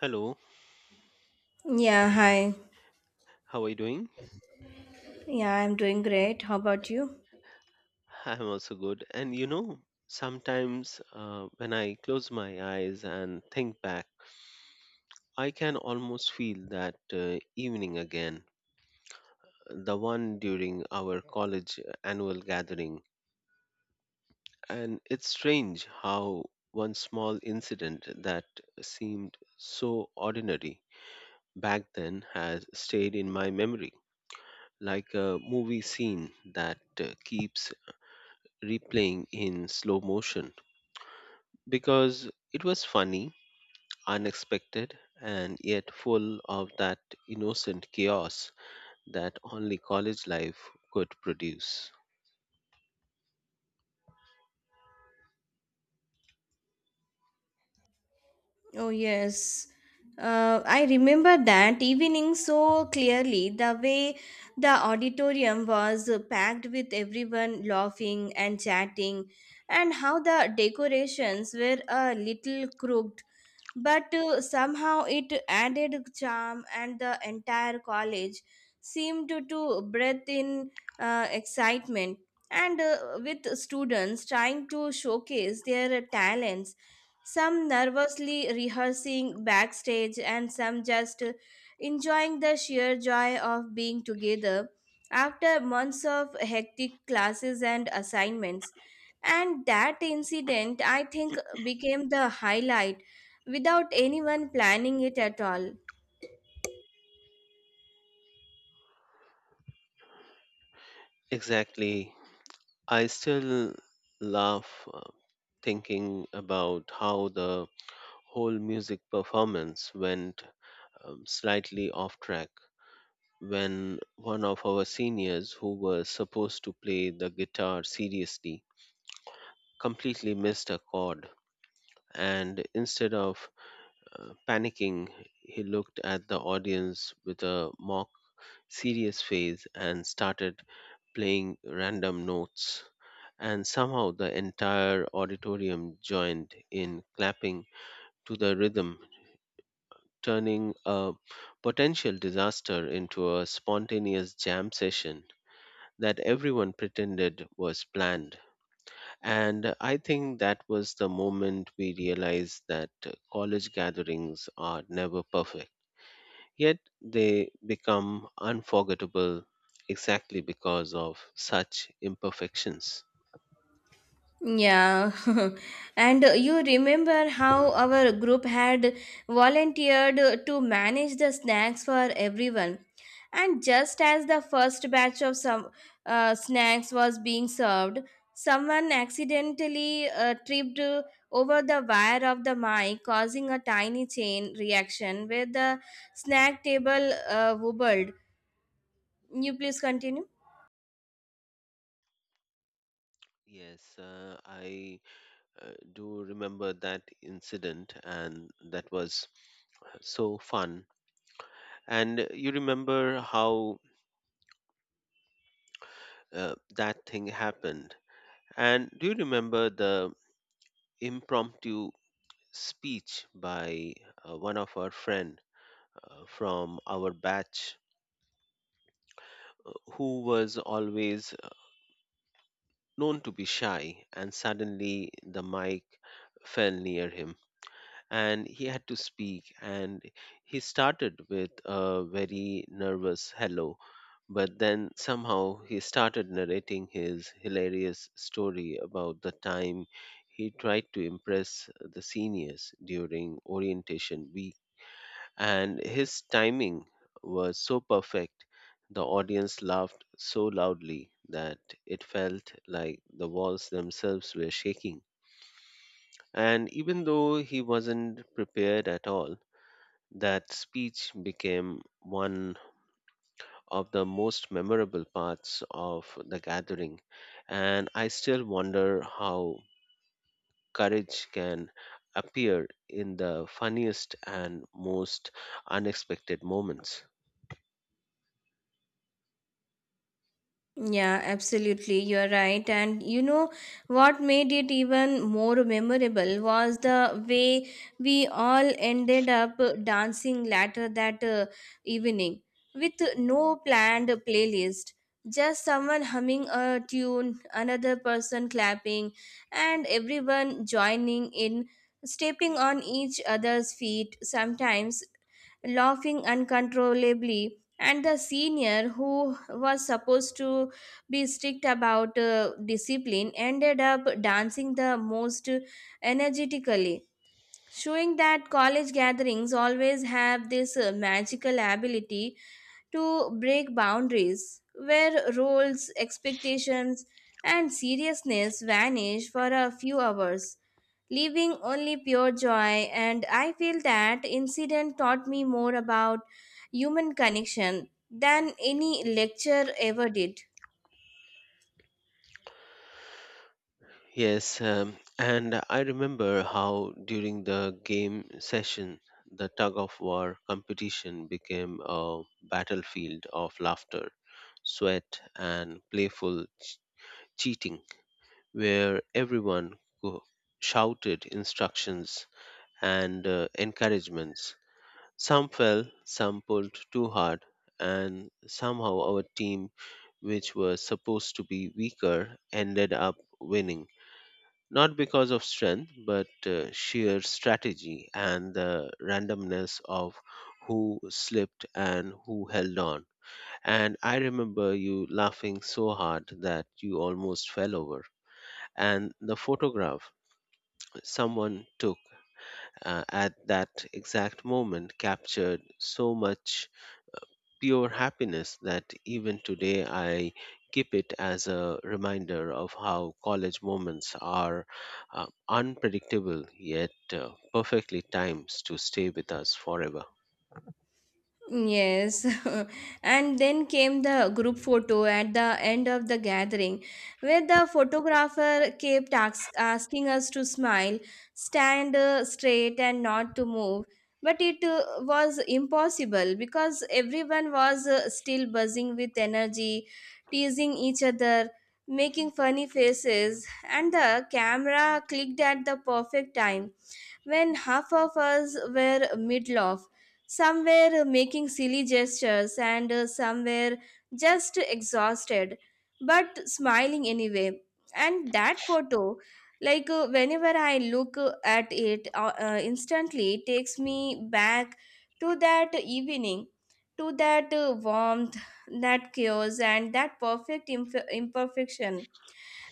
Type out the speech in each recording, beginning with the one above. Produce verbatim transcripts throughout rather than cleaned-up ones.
Hello, Yeah, hi. how are you doing? Yeah, I'm doing great. How about you? I'm also good. And you know, sometimes uh, when I close my eyes and think back, I can almost feel that uh, evening again, the one during our college uh, annual gathering. And it's strange how one small incident that seemed so ordinary back then has stayed in my memory, like a movie scene that uh, keeps replaying in slow motion. Because it was funny, unexpected, and yet full of that innocent chaos that only college life could produce. Oh, yes. Uh, I remember that evening so clearly. The way the auditorium was packed with everyone laughing and chatting, and how the decorations were a little crooked, but uh, somehow it added charm, and the entire college seemed to, to breathe in uh, excitement, and uh, with students trying to showcase their talents, some nervously rehearsing backstage and some just uh, enjoying the sheer joy of being together after months of hectic classes and assignments. And that incident, i think, became the highlight without anyone planning it at all. Exactly. I still laugh uh, thinking about how the whole music performance went um, slightly off track when one of our seniors who was supposed to play the guitar seriously completely missed a chord, and instead of Uh, panicking, he looked at the audience with a mock serious face and started playing random notes. And somehow the entire auditorium joined in clapping to the rhythm, turning a potential disaster into a spontaneous jam session that everyone pretended was planned. And I think that was the moment we realized that uh, college gatherings are never perfect. Yet they become unforgettable exactly because of such imperfections. Yeah, and uh, you remember how our group had volunteered uh, to manage the snacks for everyone. And just as the first batch of some uh, snacks was being served, someone accidentally uh, tripped uh, over the wire of the mic, causing a tiny chain reaction where the snack table uh, wobbled. You please continue. Yes, uh, I uh, do remember that incident, and that was so fun. And you remember how uh, that thing happened. And do you remember the impromptu speech by uh, one of our friend uh, from our batch uh, who was always uh, known to be shy, and suddenly the mic fell near him and he had to speak, and he started with a very nervous hello. But then somehow he started narrating his hilarious story about the time he tried to impress the seniors during orientation week. And his timing was so perfect, the audience laughed so loudly that it felt like the walls themselves were shaking. And even though he wasn't prepared at all, that speech became one of the most memorable parts of the gathering, and I still wonder how courage can appear in the funniest and most unexpected moments. Yeah, absolutely. You're right. And you know what made it even more memorable was the way we all ended up dancing later that uh, evening, with no planned playlist, just someone humming a tune, another person clapping, and everyone joining in, stepping on each other's feet, sometimes laughing uncontrollably. And the senior who was supposed to be strict about uh, discipline ended up dancing the most energetically, showing that college gatherings always have this uh, magical ability to break boundaries, where roles, expectations, and seriousness vanish for a few hours, leaving only pure joy. And i feel that incident taught me more about human connection than any lecture ever did. Yes, um, and I remember how during the game session, the tug of war competition became a battlefield of laughter, sweat, and playful cheating, where everyone go- shouted instructions and uh, encouragements. Some fell, some pulled too hard, and somehow our team, which was supposed to be weaker, ended up winning. Not because of strength, but uh, sheer strategy and the randomness of who slipped and who held on. And I remember you laughing so hard that you almost fell over. And the photograph someone took uh, at that exact moment captured so much pure happiness that even today I keep it as a reminder of how college moments are uh, unpredictable yet uh, perfectly timed to stay with us forever. Yes, and then came the group photo at the end of the gathering, where the photographer kept ask, asking us to smile, stand uh, straight, and not to move. But it uh, was impossible because everyone was uh, still buzzing with energy, teasing each other, making funny faces, and the camera clicked at the perfect time, when half of us were mid-laugh. Some were making silly gestures, and uh, some were just exhausted, but smiling anyway. And that photo, like uh, whenever I look uh, at it uh, uh, instantly, takes me back to that evening, to that uh, warmth, that chaos, and that perfect imp- imperfection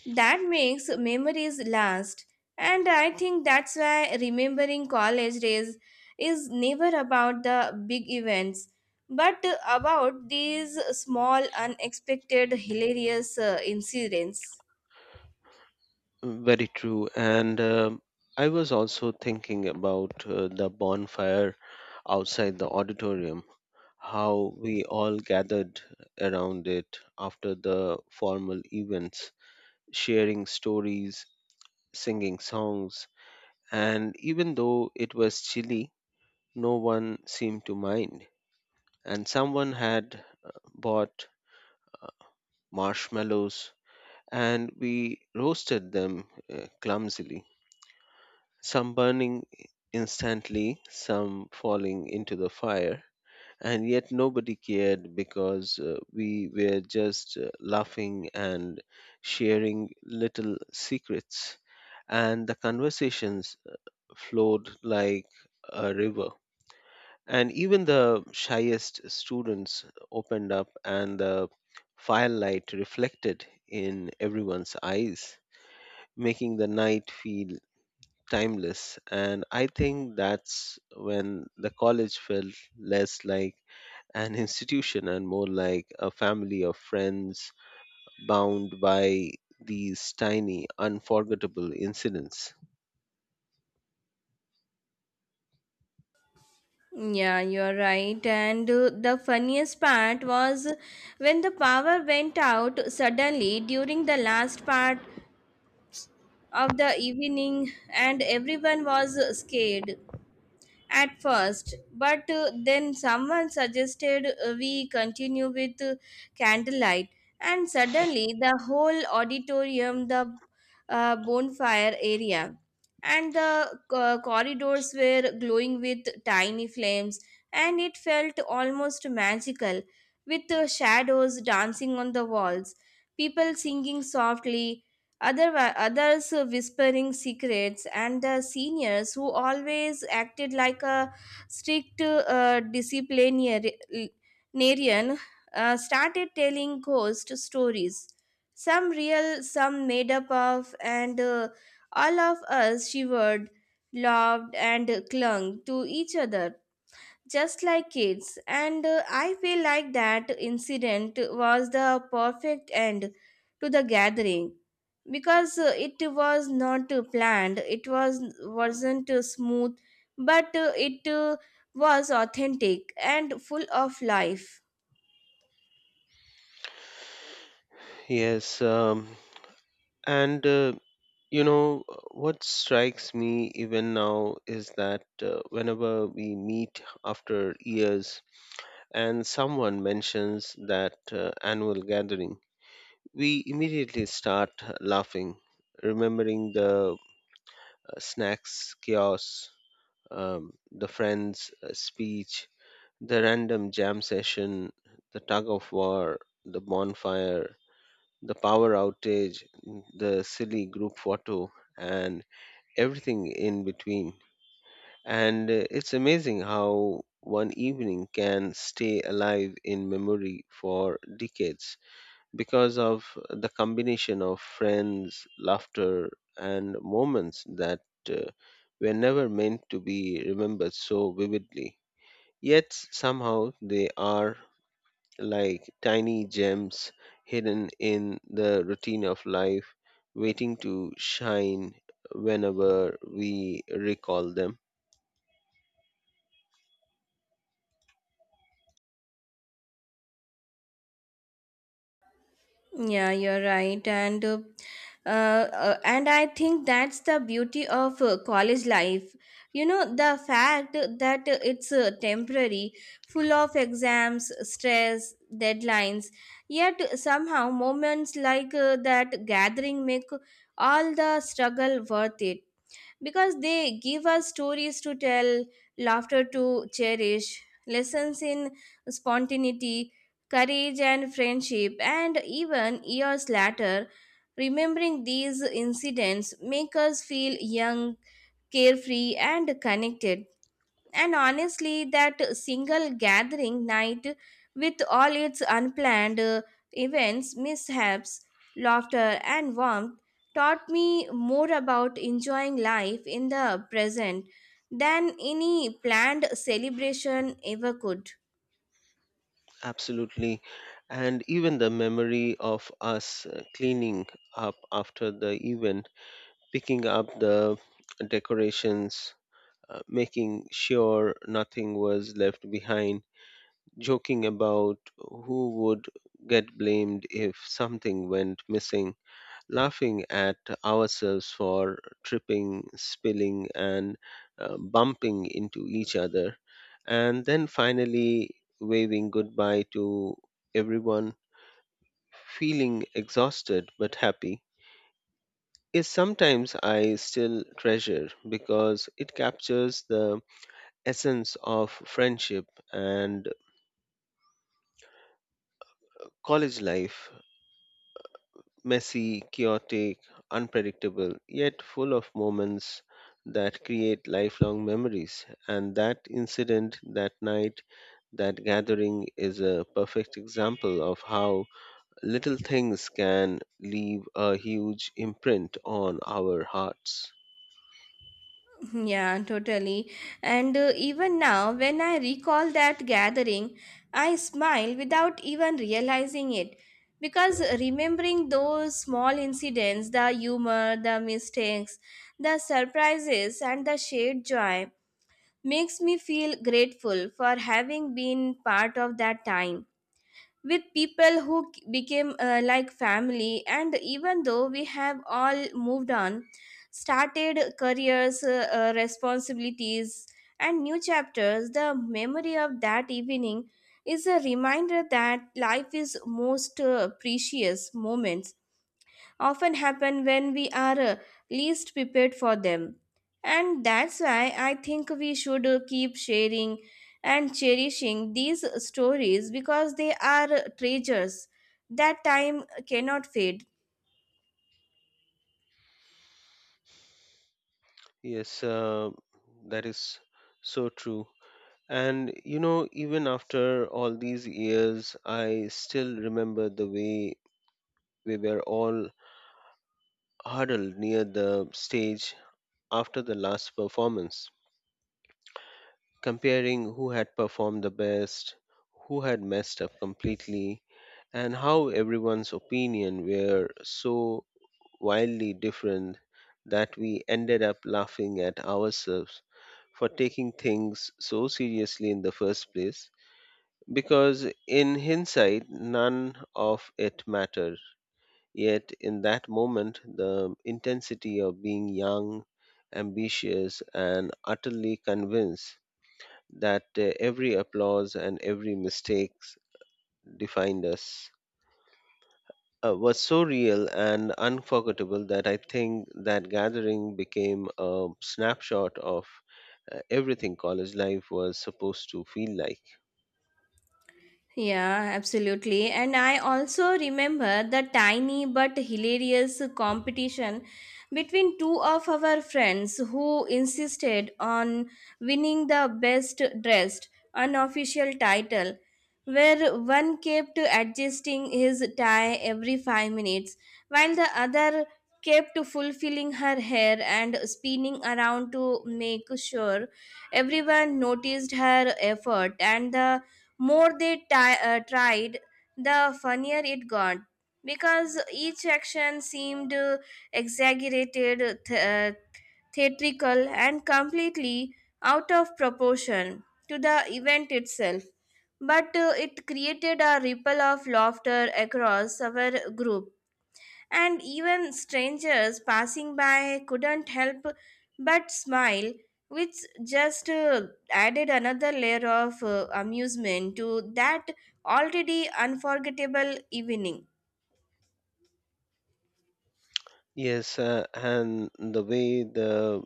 that makes memories last. And i think that's why remembering college days is never about the big events, but about these small, unexpected, hilarious uh, incidents. Very true. And um I was also thinking about uh, the bonfire outside the auditorium, how we all gathered around it after the formal events, sharing stories, singing songs, and even though it was chilly, no one seemed to mind. And someone had uh, bought marshmallows, and we roasted them uh, clumsily, some burning instantly, some falling into the fire, and yet nobody cared because uh, we were just uh, laughing and sharing little secrets, and the conversations flowed like a river, and even the shyest students opened up, and the firelight reflected in everyone's eyes, making the night feel timeless. And I think that's when the college felt less like an institution and more like a family of friends bound by these tiny, unforgettable incidents. Yeah you're right. And uh, the funniest part was when the power went out suddenly during the last part of the evening, and everyone was scared at first, but uh, then someone suggested uh, we continue with uh, candlelight, and suddenly the whole auditorium, the uh, bonfire area, and the uh, corridors were glowing with tiny flames, and it felt almost magical, with the shadows dancing on the walls, people singing softly, other, others whispering secrets, and the seniors, who always acted like a strict uh, disciplinarian, uh, started telling ghost stories. Some real, some made up of, and uh, all of us shivered, loved, and clung to each other just like kids. And uh, I feel like that incident was the perfect end to the gathering, because uh, it was not uh, planned, it was wasn't uh, smooth, but uh, it uh, was authentic and full of life. Yes, um, and uh, you know, what strikes me even now is that uh, whenever we meet after years and someone mentions that uh, annual gathering, we immediately start laughing, remembering the uh, snacks, chaos, um, the friend's uh, speech, the random jam session, the tug of war, the bonfire, the power outage, the silly group photo, and everything in between. And uh, it's amazing how one evening can stay alive in memory for decades because of the combination of friends, laughter, and moments that uh, were never meant to be remembered so vividly. Yet somehow they are like tiny gems hidden in the routine of life, waiting to shine whenever we recall them. Yeah, you're right, and uh, uh, uh, and I think that's the beauty of uh, college life. You know, the fact that it's uh, temporary, full of exams, stress, deadlines. Yet somehow, moments like uh, that gathering make all the struggle worth it, because they give us stories to tell, laughter to cherish, lessons in spontaneity, courage, and friendship. And even years later, remembering these incidents make us feel young, carefree, and connected. And honestly, that single gathering night, with all its unplanned uh, events, mishaps, laughter, and warmth, taught me more about enjoying life in the present than any planned celebration ever could. Absolutely. And even the memory of us uh, cleaning up after the event, picking up the decorations, uh, making sure nothing was left behind, joking about who would get blamed if something went missing, laughing at ourselves for tripping, spilling, and uh, bumping into each other, and then finally waving goodbye to everyone, feeling exhausted but happy, is sometimes I still treasure because it captures the essence of friendship and college life: messy, chaotic, unpredictable, yet full of moments that create lifelong memories. And that incident, that night, that gathering is a perfect example of how little things can leave a huge imprint on our hearts. Yeah, totally. And uh, even now, when I recall that gathering, I smile without even realizing it, because remembering those small incidents, the humor, the mistakes, the surprises, and the shared joy makes me feel grateful for having been part of that time with people who k- became uh, like family. And even though we have all moved on, started careers, uh, uh, responsibilities, and new chapters, the memory of that evening is a reminder that life is most uh, precious moments often happen when we are uh, least prepared for them. And that's why I think we should uh, keep sharing and cherishing these stories, because they are treasures that time cannot fade. Yes, uh, that is so true. And you know, even after all these years, I still remember the way we were all huddled near the stage after the last performance, comparing who had performed the best, who had messed up completely, and how everyone's opinion were so wildly different that we ended up laughing at ourselves for taking things so seriously in the first place, because in hindsight none of it mattered. Yet, in that moment, the intensity of being young, ambitious, and utterly convinced that uh, every applause and every mistake defined us uh, was so real and unforgettable that I think that gathering became a snapshot of uh, everything college life was supposed to feel like. Yeah, absolutely. And I also remember the tiny but hilarious competition between two of our friends who insisted on winning the best dressed unofficial title, where one kept adjusting his tie every five minutes, while the other kept fulfilling her hair and spinning around to make sure everyone noticed her effort. And the more they ti- uh, tried, the funnier it got, because each action seemed uh, exaggerated, th- uh, theatrical, and completely out of proportion to the event itself. But uh, it created a ripple of laughter across our group, and even strangers passing by couldn't help but smile, which just uh, added another layer of uh, amusement to that already unforgettable evening. Yes, uh, and the way the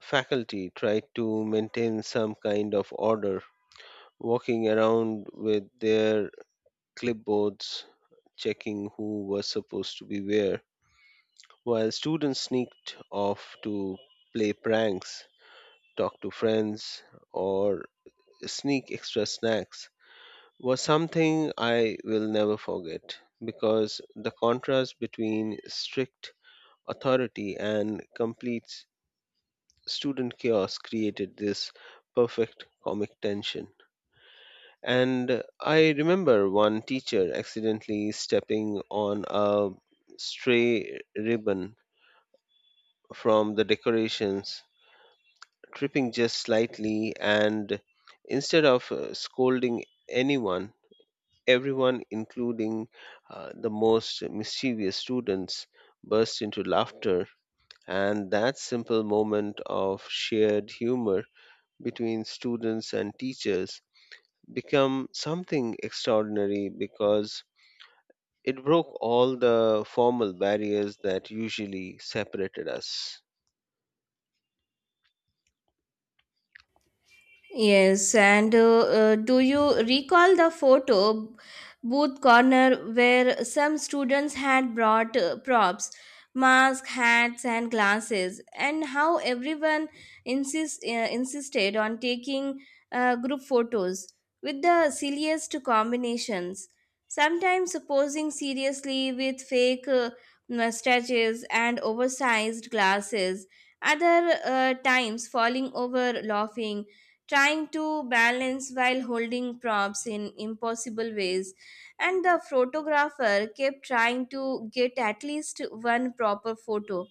faculty tried to maintain some kind of order, walking around with their clipboards, checking who was supposed to be where, while students sneaked off to play pranks, talk to friends, or sneak extra snacks, was something I will never forget, because the contrast between strict authority and complete student chaos created this perfect comic tension. And I remember one teacher accidentally stepping on a stray ribbon from the decorations, tripping just slightly, and instead of uh, scolding anyone, everyone, including uh, the most mischievous students, burst into laughter. And that simple moment of shared humor between students and teachers become something extraordinary because it broke all the formal barriers that usually separated us. Yes, and uh, uh, do you recall the photo booth corner, where some students had brought uh, props, masks, hats, and glasses, and how everyone insist, uh, insisted on taking uh, group photos with the silliest combinations, sometimes posing seriously with fake uh, mustaches and oversized glasses, other uh, times falling over laughing, trying to balance while holding props in impossible ways? And the photographer kept trying to get at least one proper photo,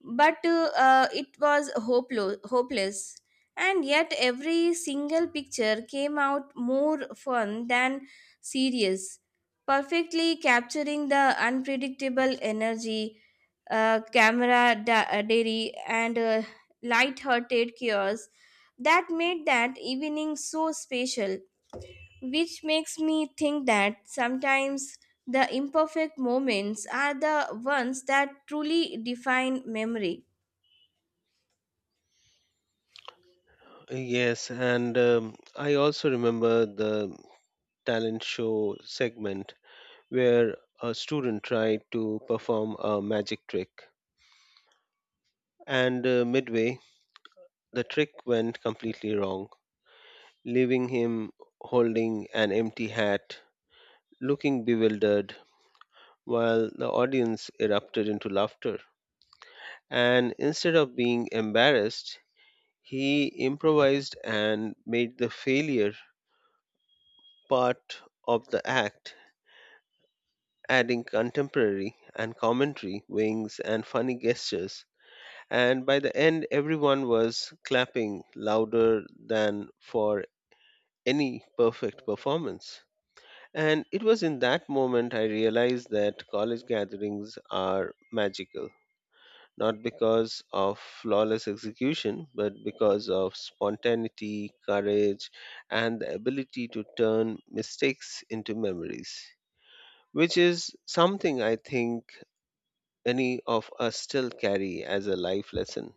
but uh, uh, it was hopeless hopeless, and yet every single picture came out more fun than serious, perfectly capturing the unpredictable energy, uh, camera da- uh, dairy, and uh, light-hearted chaos that made that evening so special, which makes me think that sometimes the imperfect moments are the ones that truly define memory. Yes, and um, I also remember the talent show segment where a student tried to perform a magic trick, and uh, midway, the trick went completely wrong, leaving him holding an empty hat, looking bewildered, while the audience erupted into laughter. And instead of being embarrassed, he improvised and made the failure part of the act, adding contemporary and commentary, wings, and funny gestures. And by the end, everyone was clapping louder than for any perfect performance. And it was in that moment I realized that college gatherings are magical, not because of flawless execution, but because of spontaneity, courage, and the ability to turn mistakes into memories, which is something I think any of us still carry as a life lesson.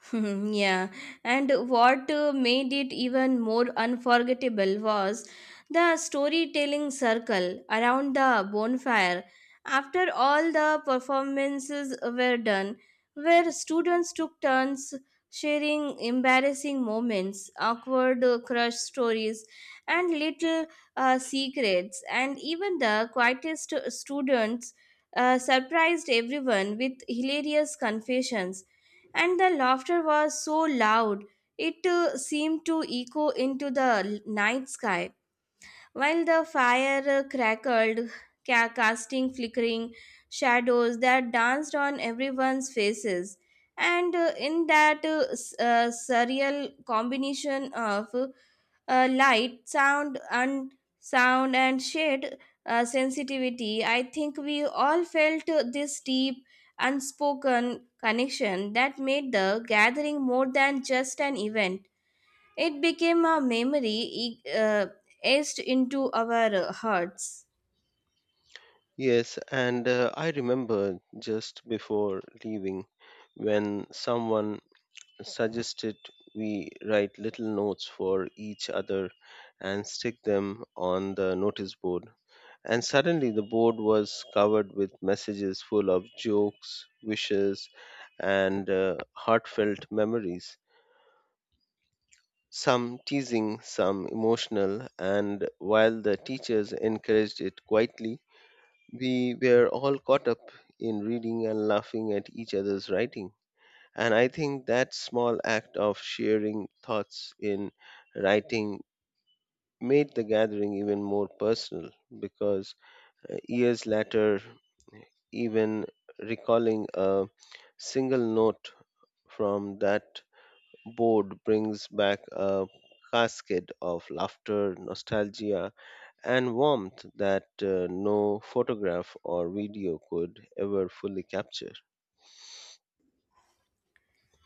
yeah, and what uh, made it even more unforgettable was the storytelling circle around the bonfire, after all the performances were done, where students took turns sharing embarrassing moments, awkward uh, crush stories, and little uh, secrets, and even the quietest students uh, surprised everyone with hilarious confessions. And the laughter was so loud, it uh, seemed to echo into the l- night sky, while the fire crackled, ca- casting flickering shadows that danced on everyone's faces. And uh, in that uh, s- uh, surreal combination of uh, light, sound, and sound and shade uh, sensitivity, I think we all felt uh, this deep, unspoken connection that made the gathering more than just an event. It became a memory e- uh, etched into our uh, hearts. Yes, and uh, I remember just before leaving when someone suggested we write little notes for each other and stick them on the notice board. And suddenly the board was covered with messages full of jokes, wishes, and uh, heartfelt memories. Some teasing, some emotional, and while the teachers encouraged it quietly, we were all caught up in reading and laughing at each other's writing. And I think that small act of sharing thoughts in writing made the gathering even more personal, because uh, years later, even recalling a single note from that board brings back a cascade of laughter, nostalgia, and warmth that uh, no photograph or video could ever fully capture.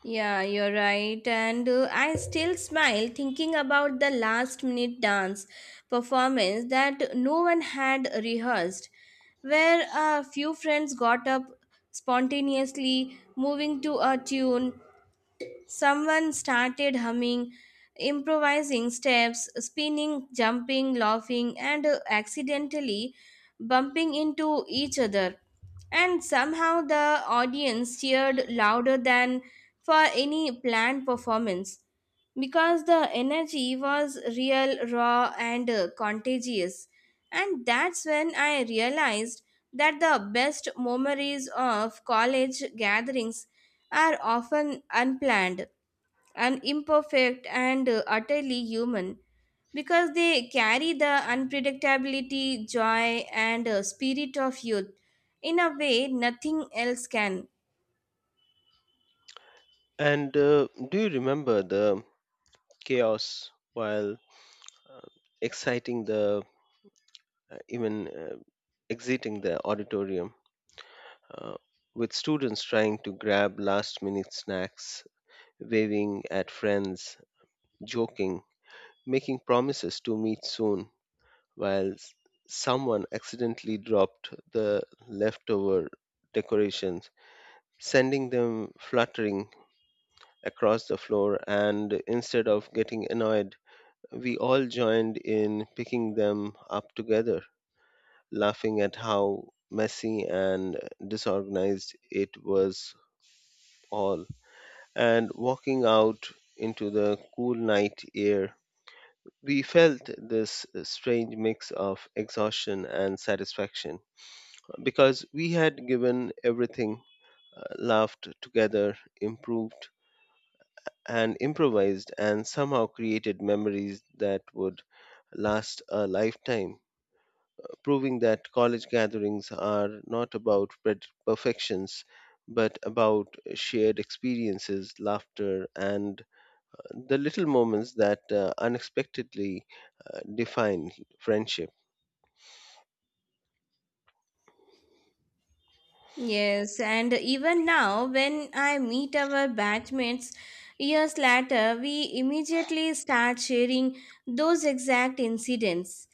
Yeah, you're right. And uh, I still smile thinking about the last minute dance performance that no one had rehearsed, where a few friends got up spontaneously, moving to a tune someone started humming, improvising steps, spinning, jumping, laughing, and uh, accidentally bumping into each other. And somehow the audience cheered louder than for any planned performance, because the energy was real, raw, and uh, contagious. And that's when I realized that the best memories of college gatherings are often unplanned, and imperfect, and uh, utterly human, because they carry the unpredictability, joy, and uh, spirit of youth in a way nothing else can. And uh, do you remember the chaos while uh, exciting the uh, even uh, exiting the auditorium uh, with students trying to grab last minute snacks, waving at friends, joking, making promises to meet soon, while s- someone accidentally dropped the leftover decorations, sending them fluttering across the floor, and instead of getting annoyed, we all joined in picking them up together, laughing at how messy and disorganized it was all, and walking out into the cool night air. We felt this strange mix of exhaustion and satisfaction because we had given everything, uh, laughed together, improved, and improvised, and somehow created memories that would last a lifetime, proving that college gatherings are not about per- perfections but about shared experiences, laughter, and the little moments that uh, unexpectedly uh, define friendship. Yes, and even now, when I meet our batchmates years later, we immediately start sharing those exact incidents: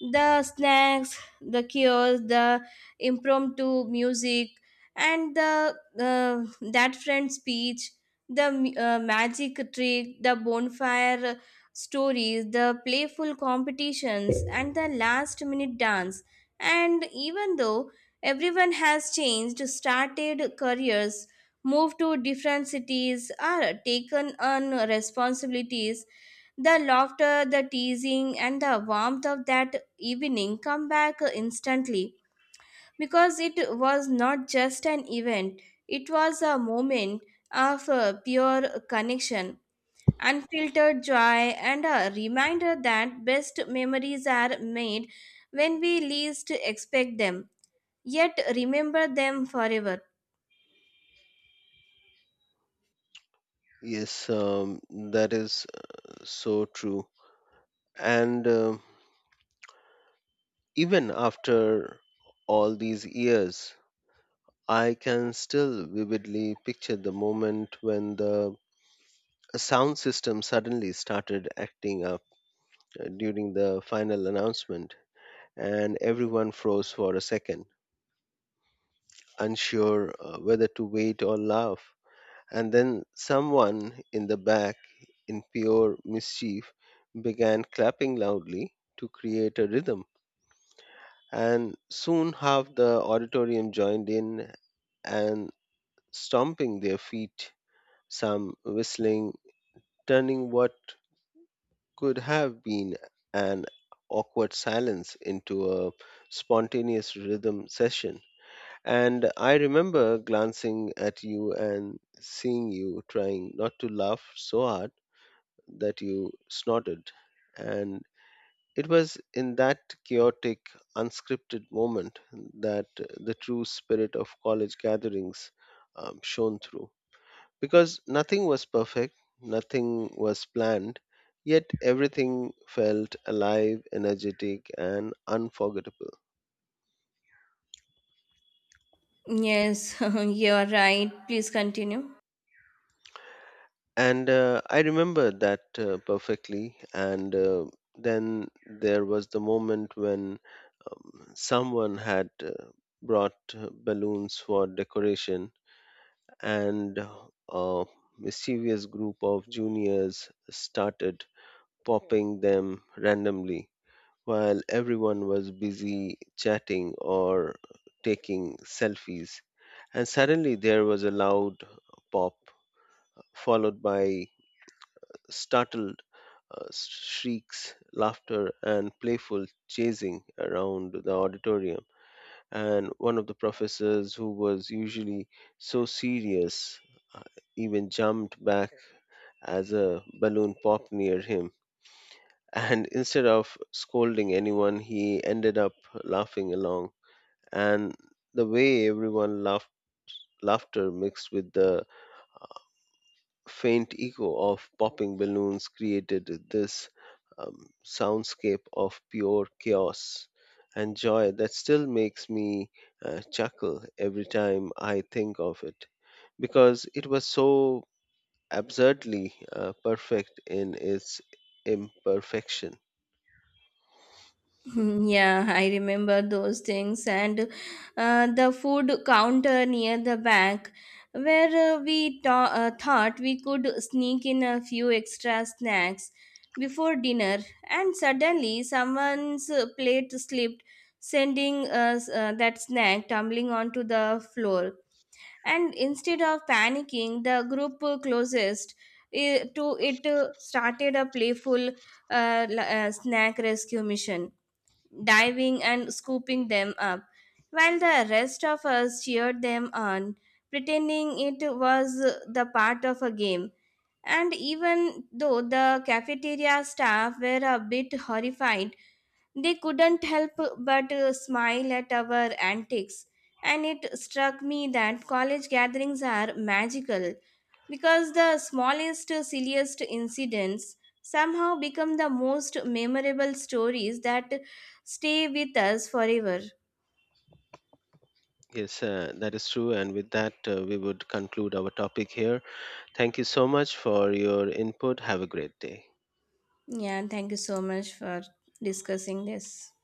the snacks, the cures, the impromptu music, and the uh, that friend speech, the mu- uh, magic trick, the bonfire stories, the playful competitions, and the last minute dance. And even though Everyone has changed, started careers, moved to different cities, or taken on responsibilities, the laughter, the teasing, and the warmth of that evening come back instantly, because it was not just an event, it was a moment of uh, pure connection, unfiltered joy, and a reminder that best memories are made when we least expect them, yet remember them forever. Yes, um, that is so true. And uh, even after all these years, I can still vividly picture the moment when the sound system suddenly started acting out uh, during the final announcement, and everyone froze for a second, unsure uh, whether to wait or laugh. And then someone in the back, in pure mischief, began clapping loudly to create a rhythm. And soon half the auditorium joined in and stomping their feet, some whistling, turning what could have been an awkward silence into a spontaneous rhythm session. And I remember glancing at you and seeing you trying not to laugh so hard that you snorted. And it was in that chaotic, unscripted moment that the true spirit of college gatherings um, shone through, because nothing was perfect, nothing was planned, yet everything felt alive, energetic, and unforgettable. Yes, you're right. Please continue. And uh, I remember that uh, perfectly. And uh, then there was the moment when um, someone had uh, brought uh, balloons for decoration, and uh, a mischievous group of juniors started popping them randomly while everyone was busy chatting or taking selfies. And suddenly there was a loud pop, followed by startled uh, shrieks, laughter, and playful chasing around the auditorium. And one of the professors, who was usually so serious, uh, even jumped back as a balloon popped near him. And instead of scolding anyone, he ended up laughing along, and the way everyone laughed laughter mixed with the faint echo of popping balloons created this um, soundscape of pure chaos and joy that still makes me uh, chuckle every time I think of it, because it was so absurdly uh, perfect in its imperfection. Hmm, Yeah, I remember those things. And uh, the food counter near the back, where uh, we ta- uh, thought we could sneak in a few extra snacks before dinner, and suddenly someone's uh, plate slipped, sending us uh, that snack tumbling onto the floor. And instead of panicking, the group closest eh, to it uh, started a playful uh, l- uh, snack rescue mission, diving and scooping them up while the rest of us cheered them on, pretending it was uh, the part of a game. And even though the cafeteria staff were a bit horrified, they couldn't help but uh, smile at our antics. And it struck me that college gatherings are magical, because the smallest, silliest incidents somehow become the most memorable stories that stay with us forever. Yes, uh, that is true, and with that uh, we would conclude our topic here. Thank you so much for your input. Have a great day. Yeah, thank you so much for discussing this.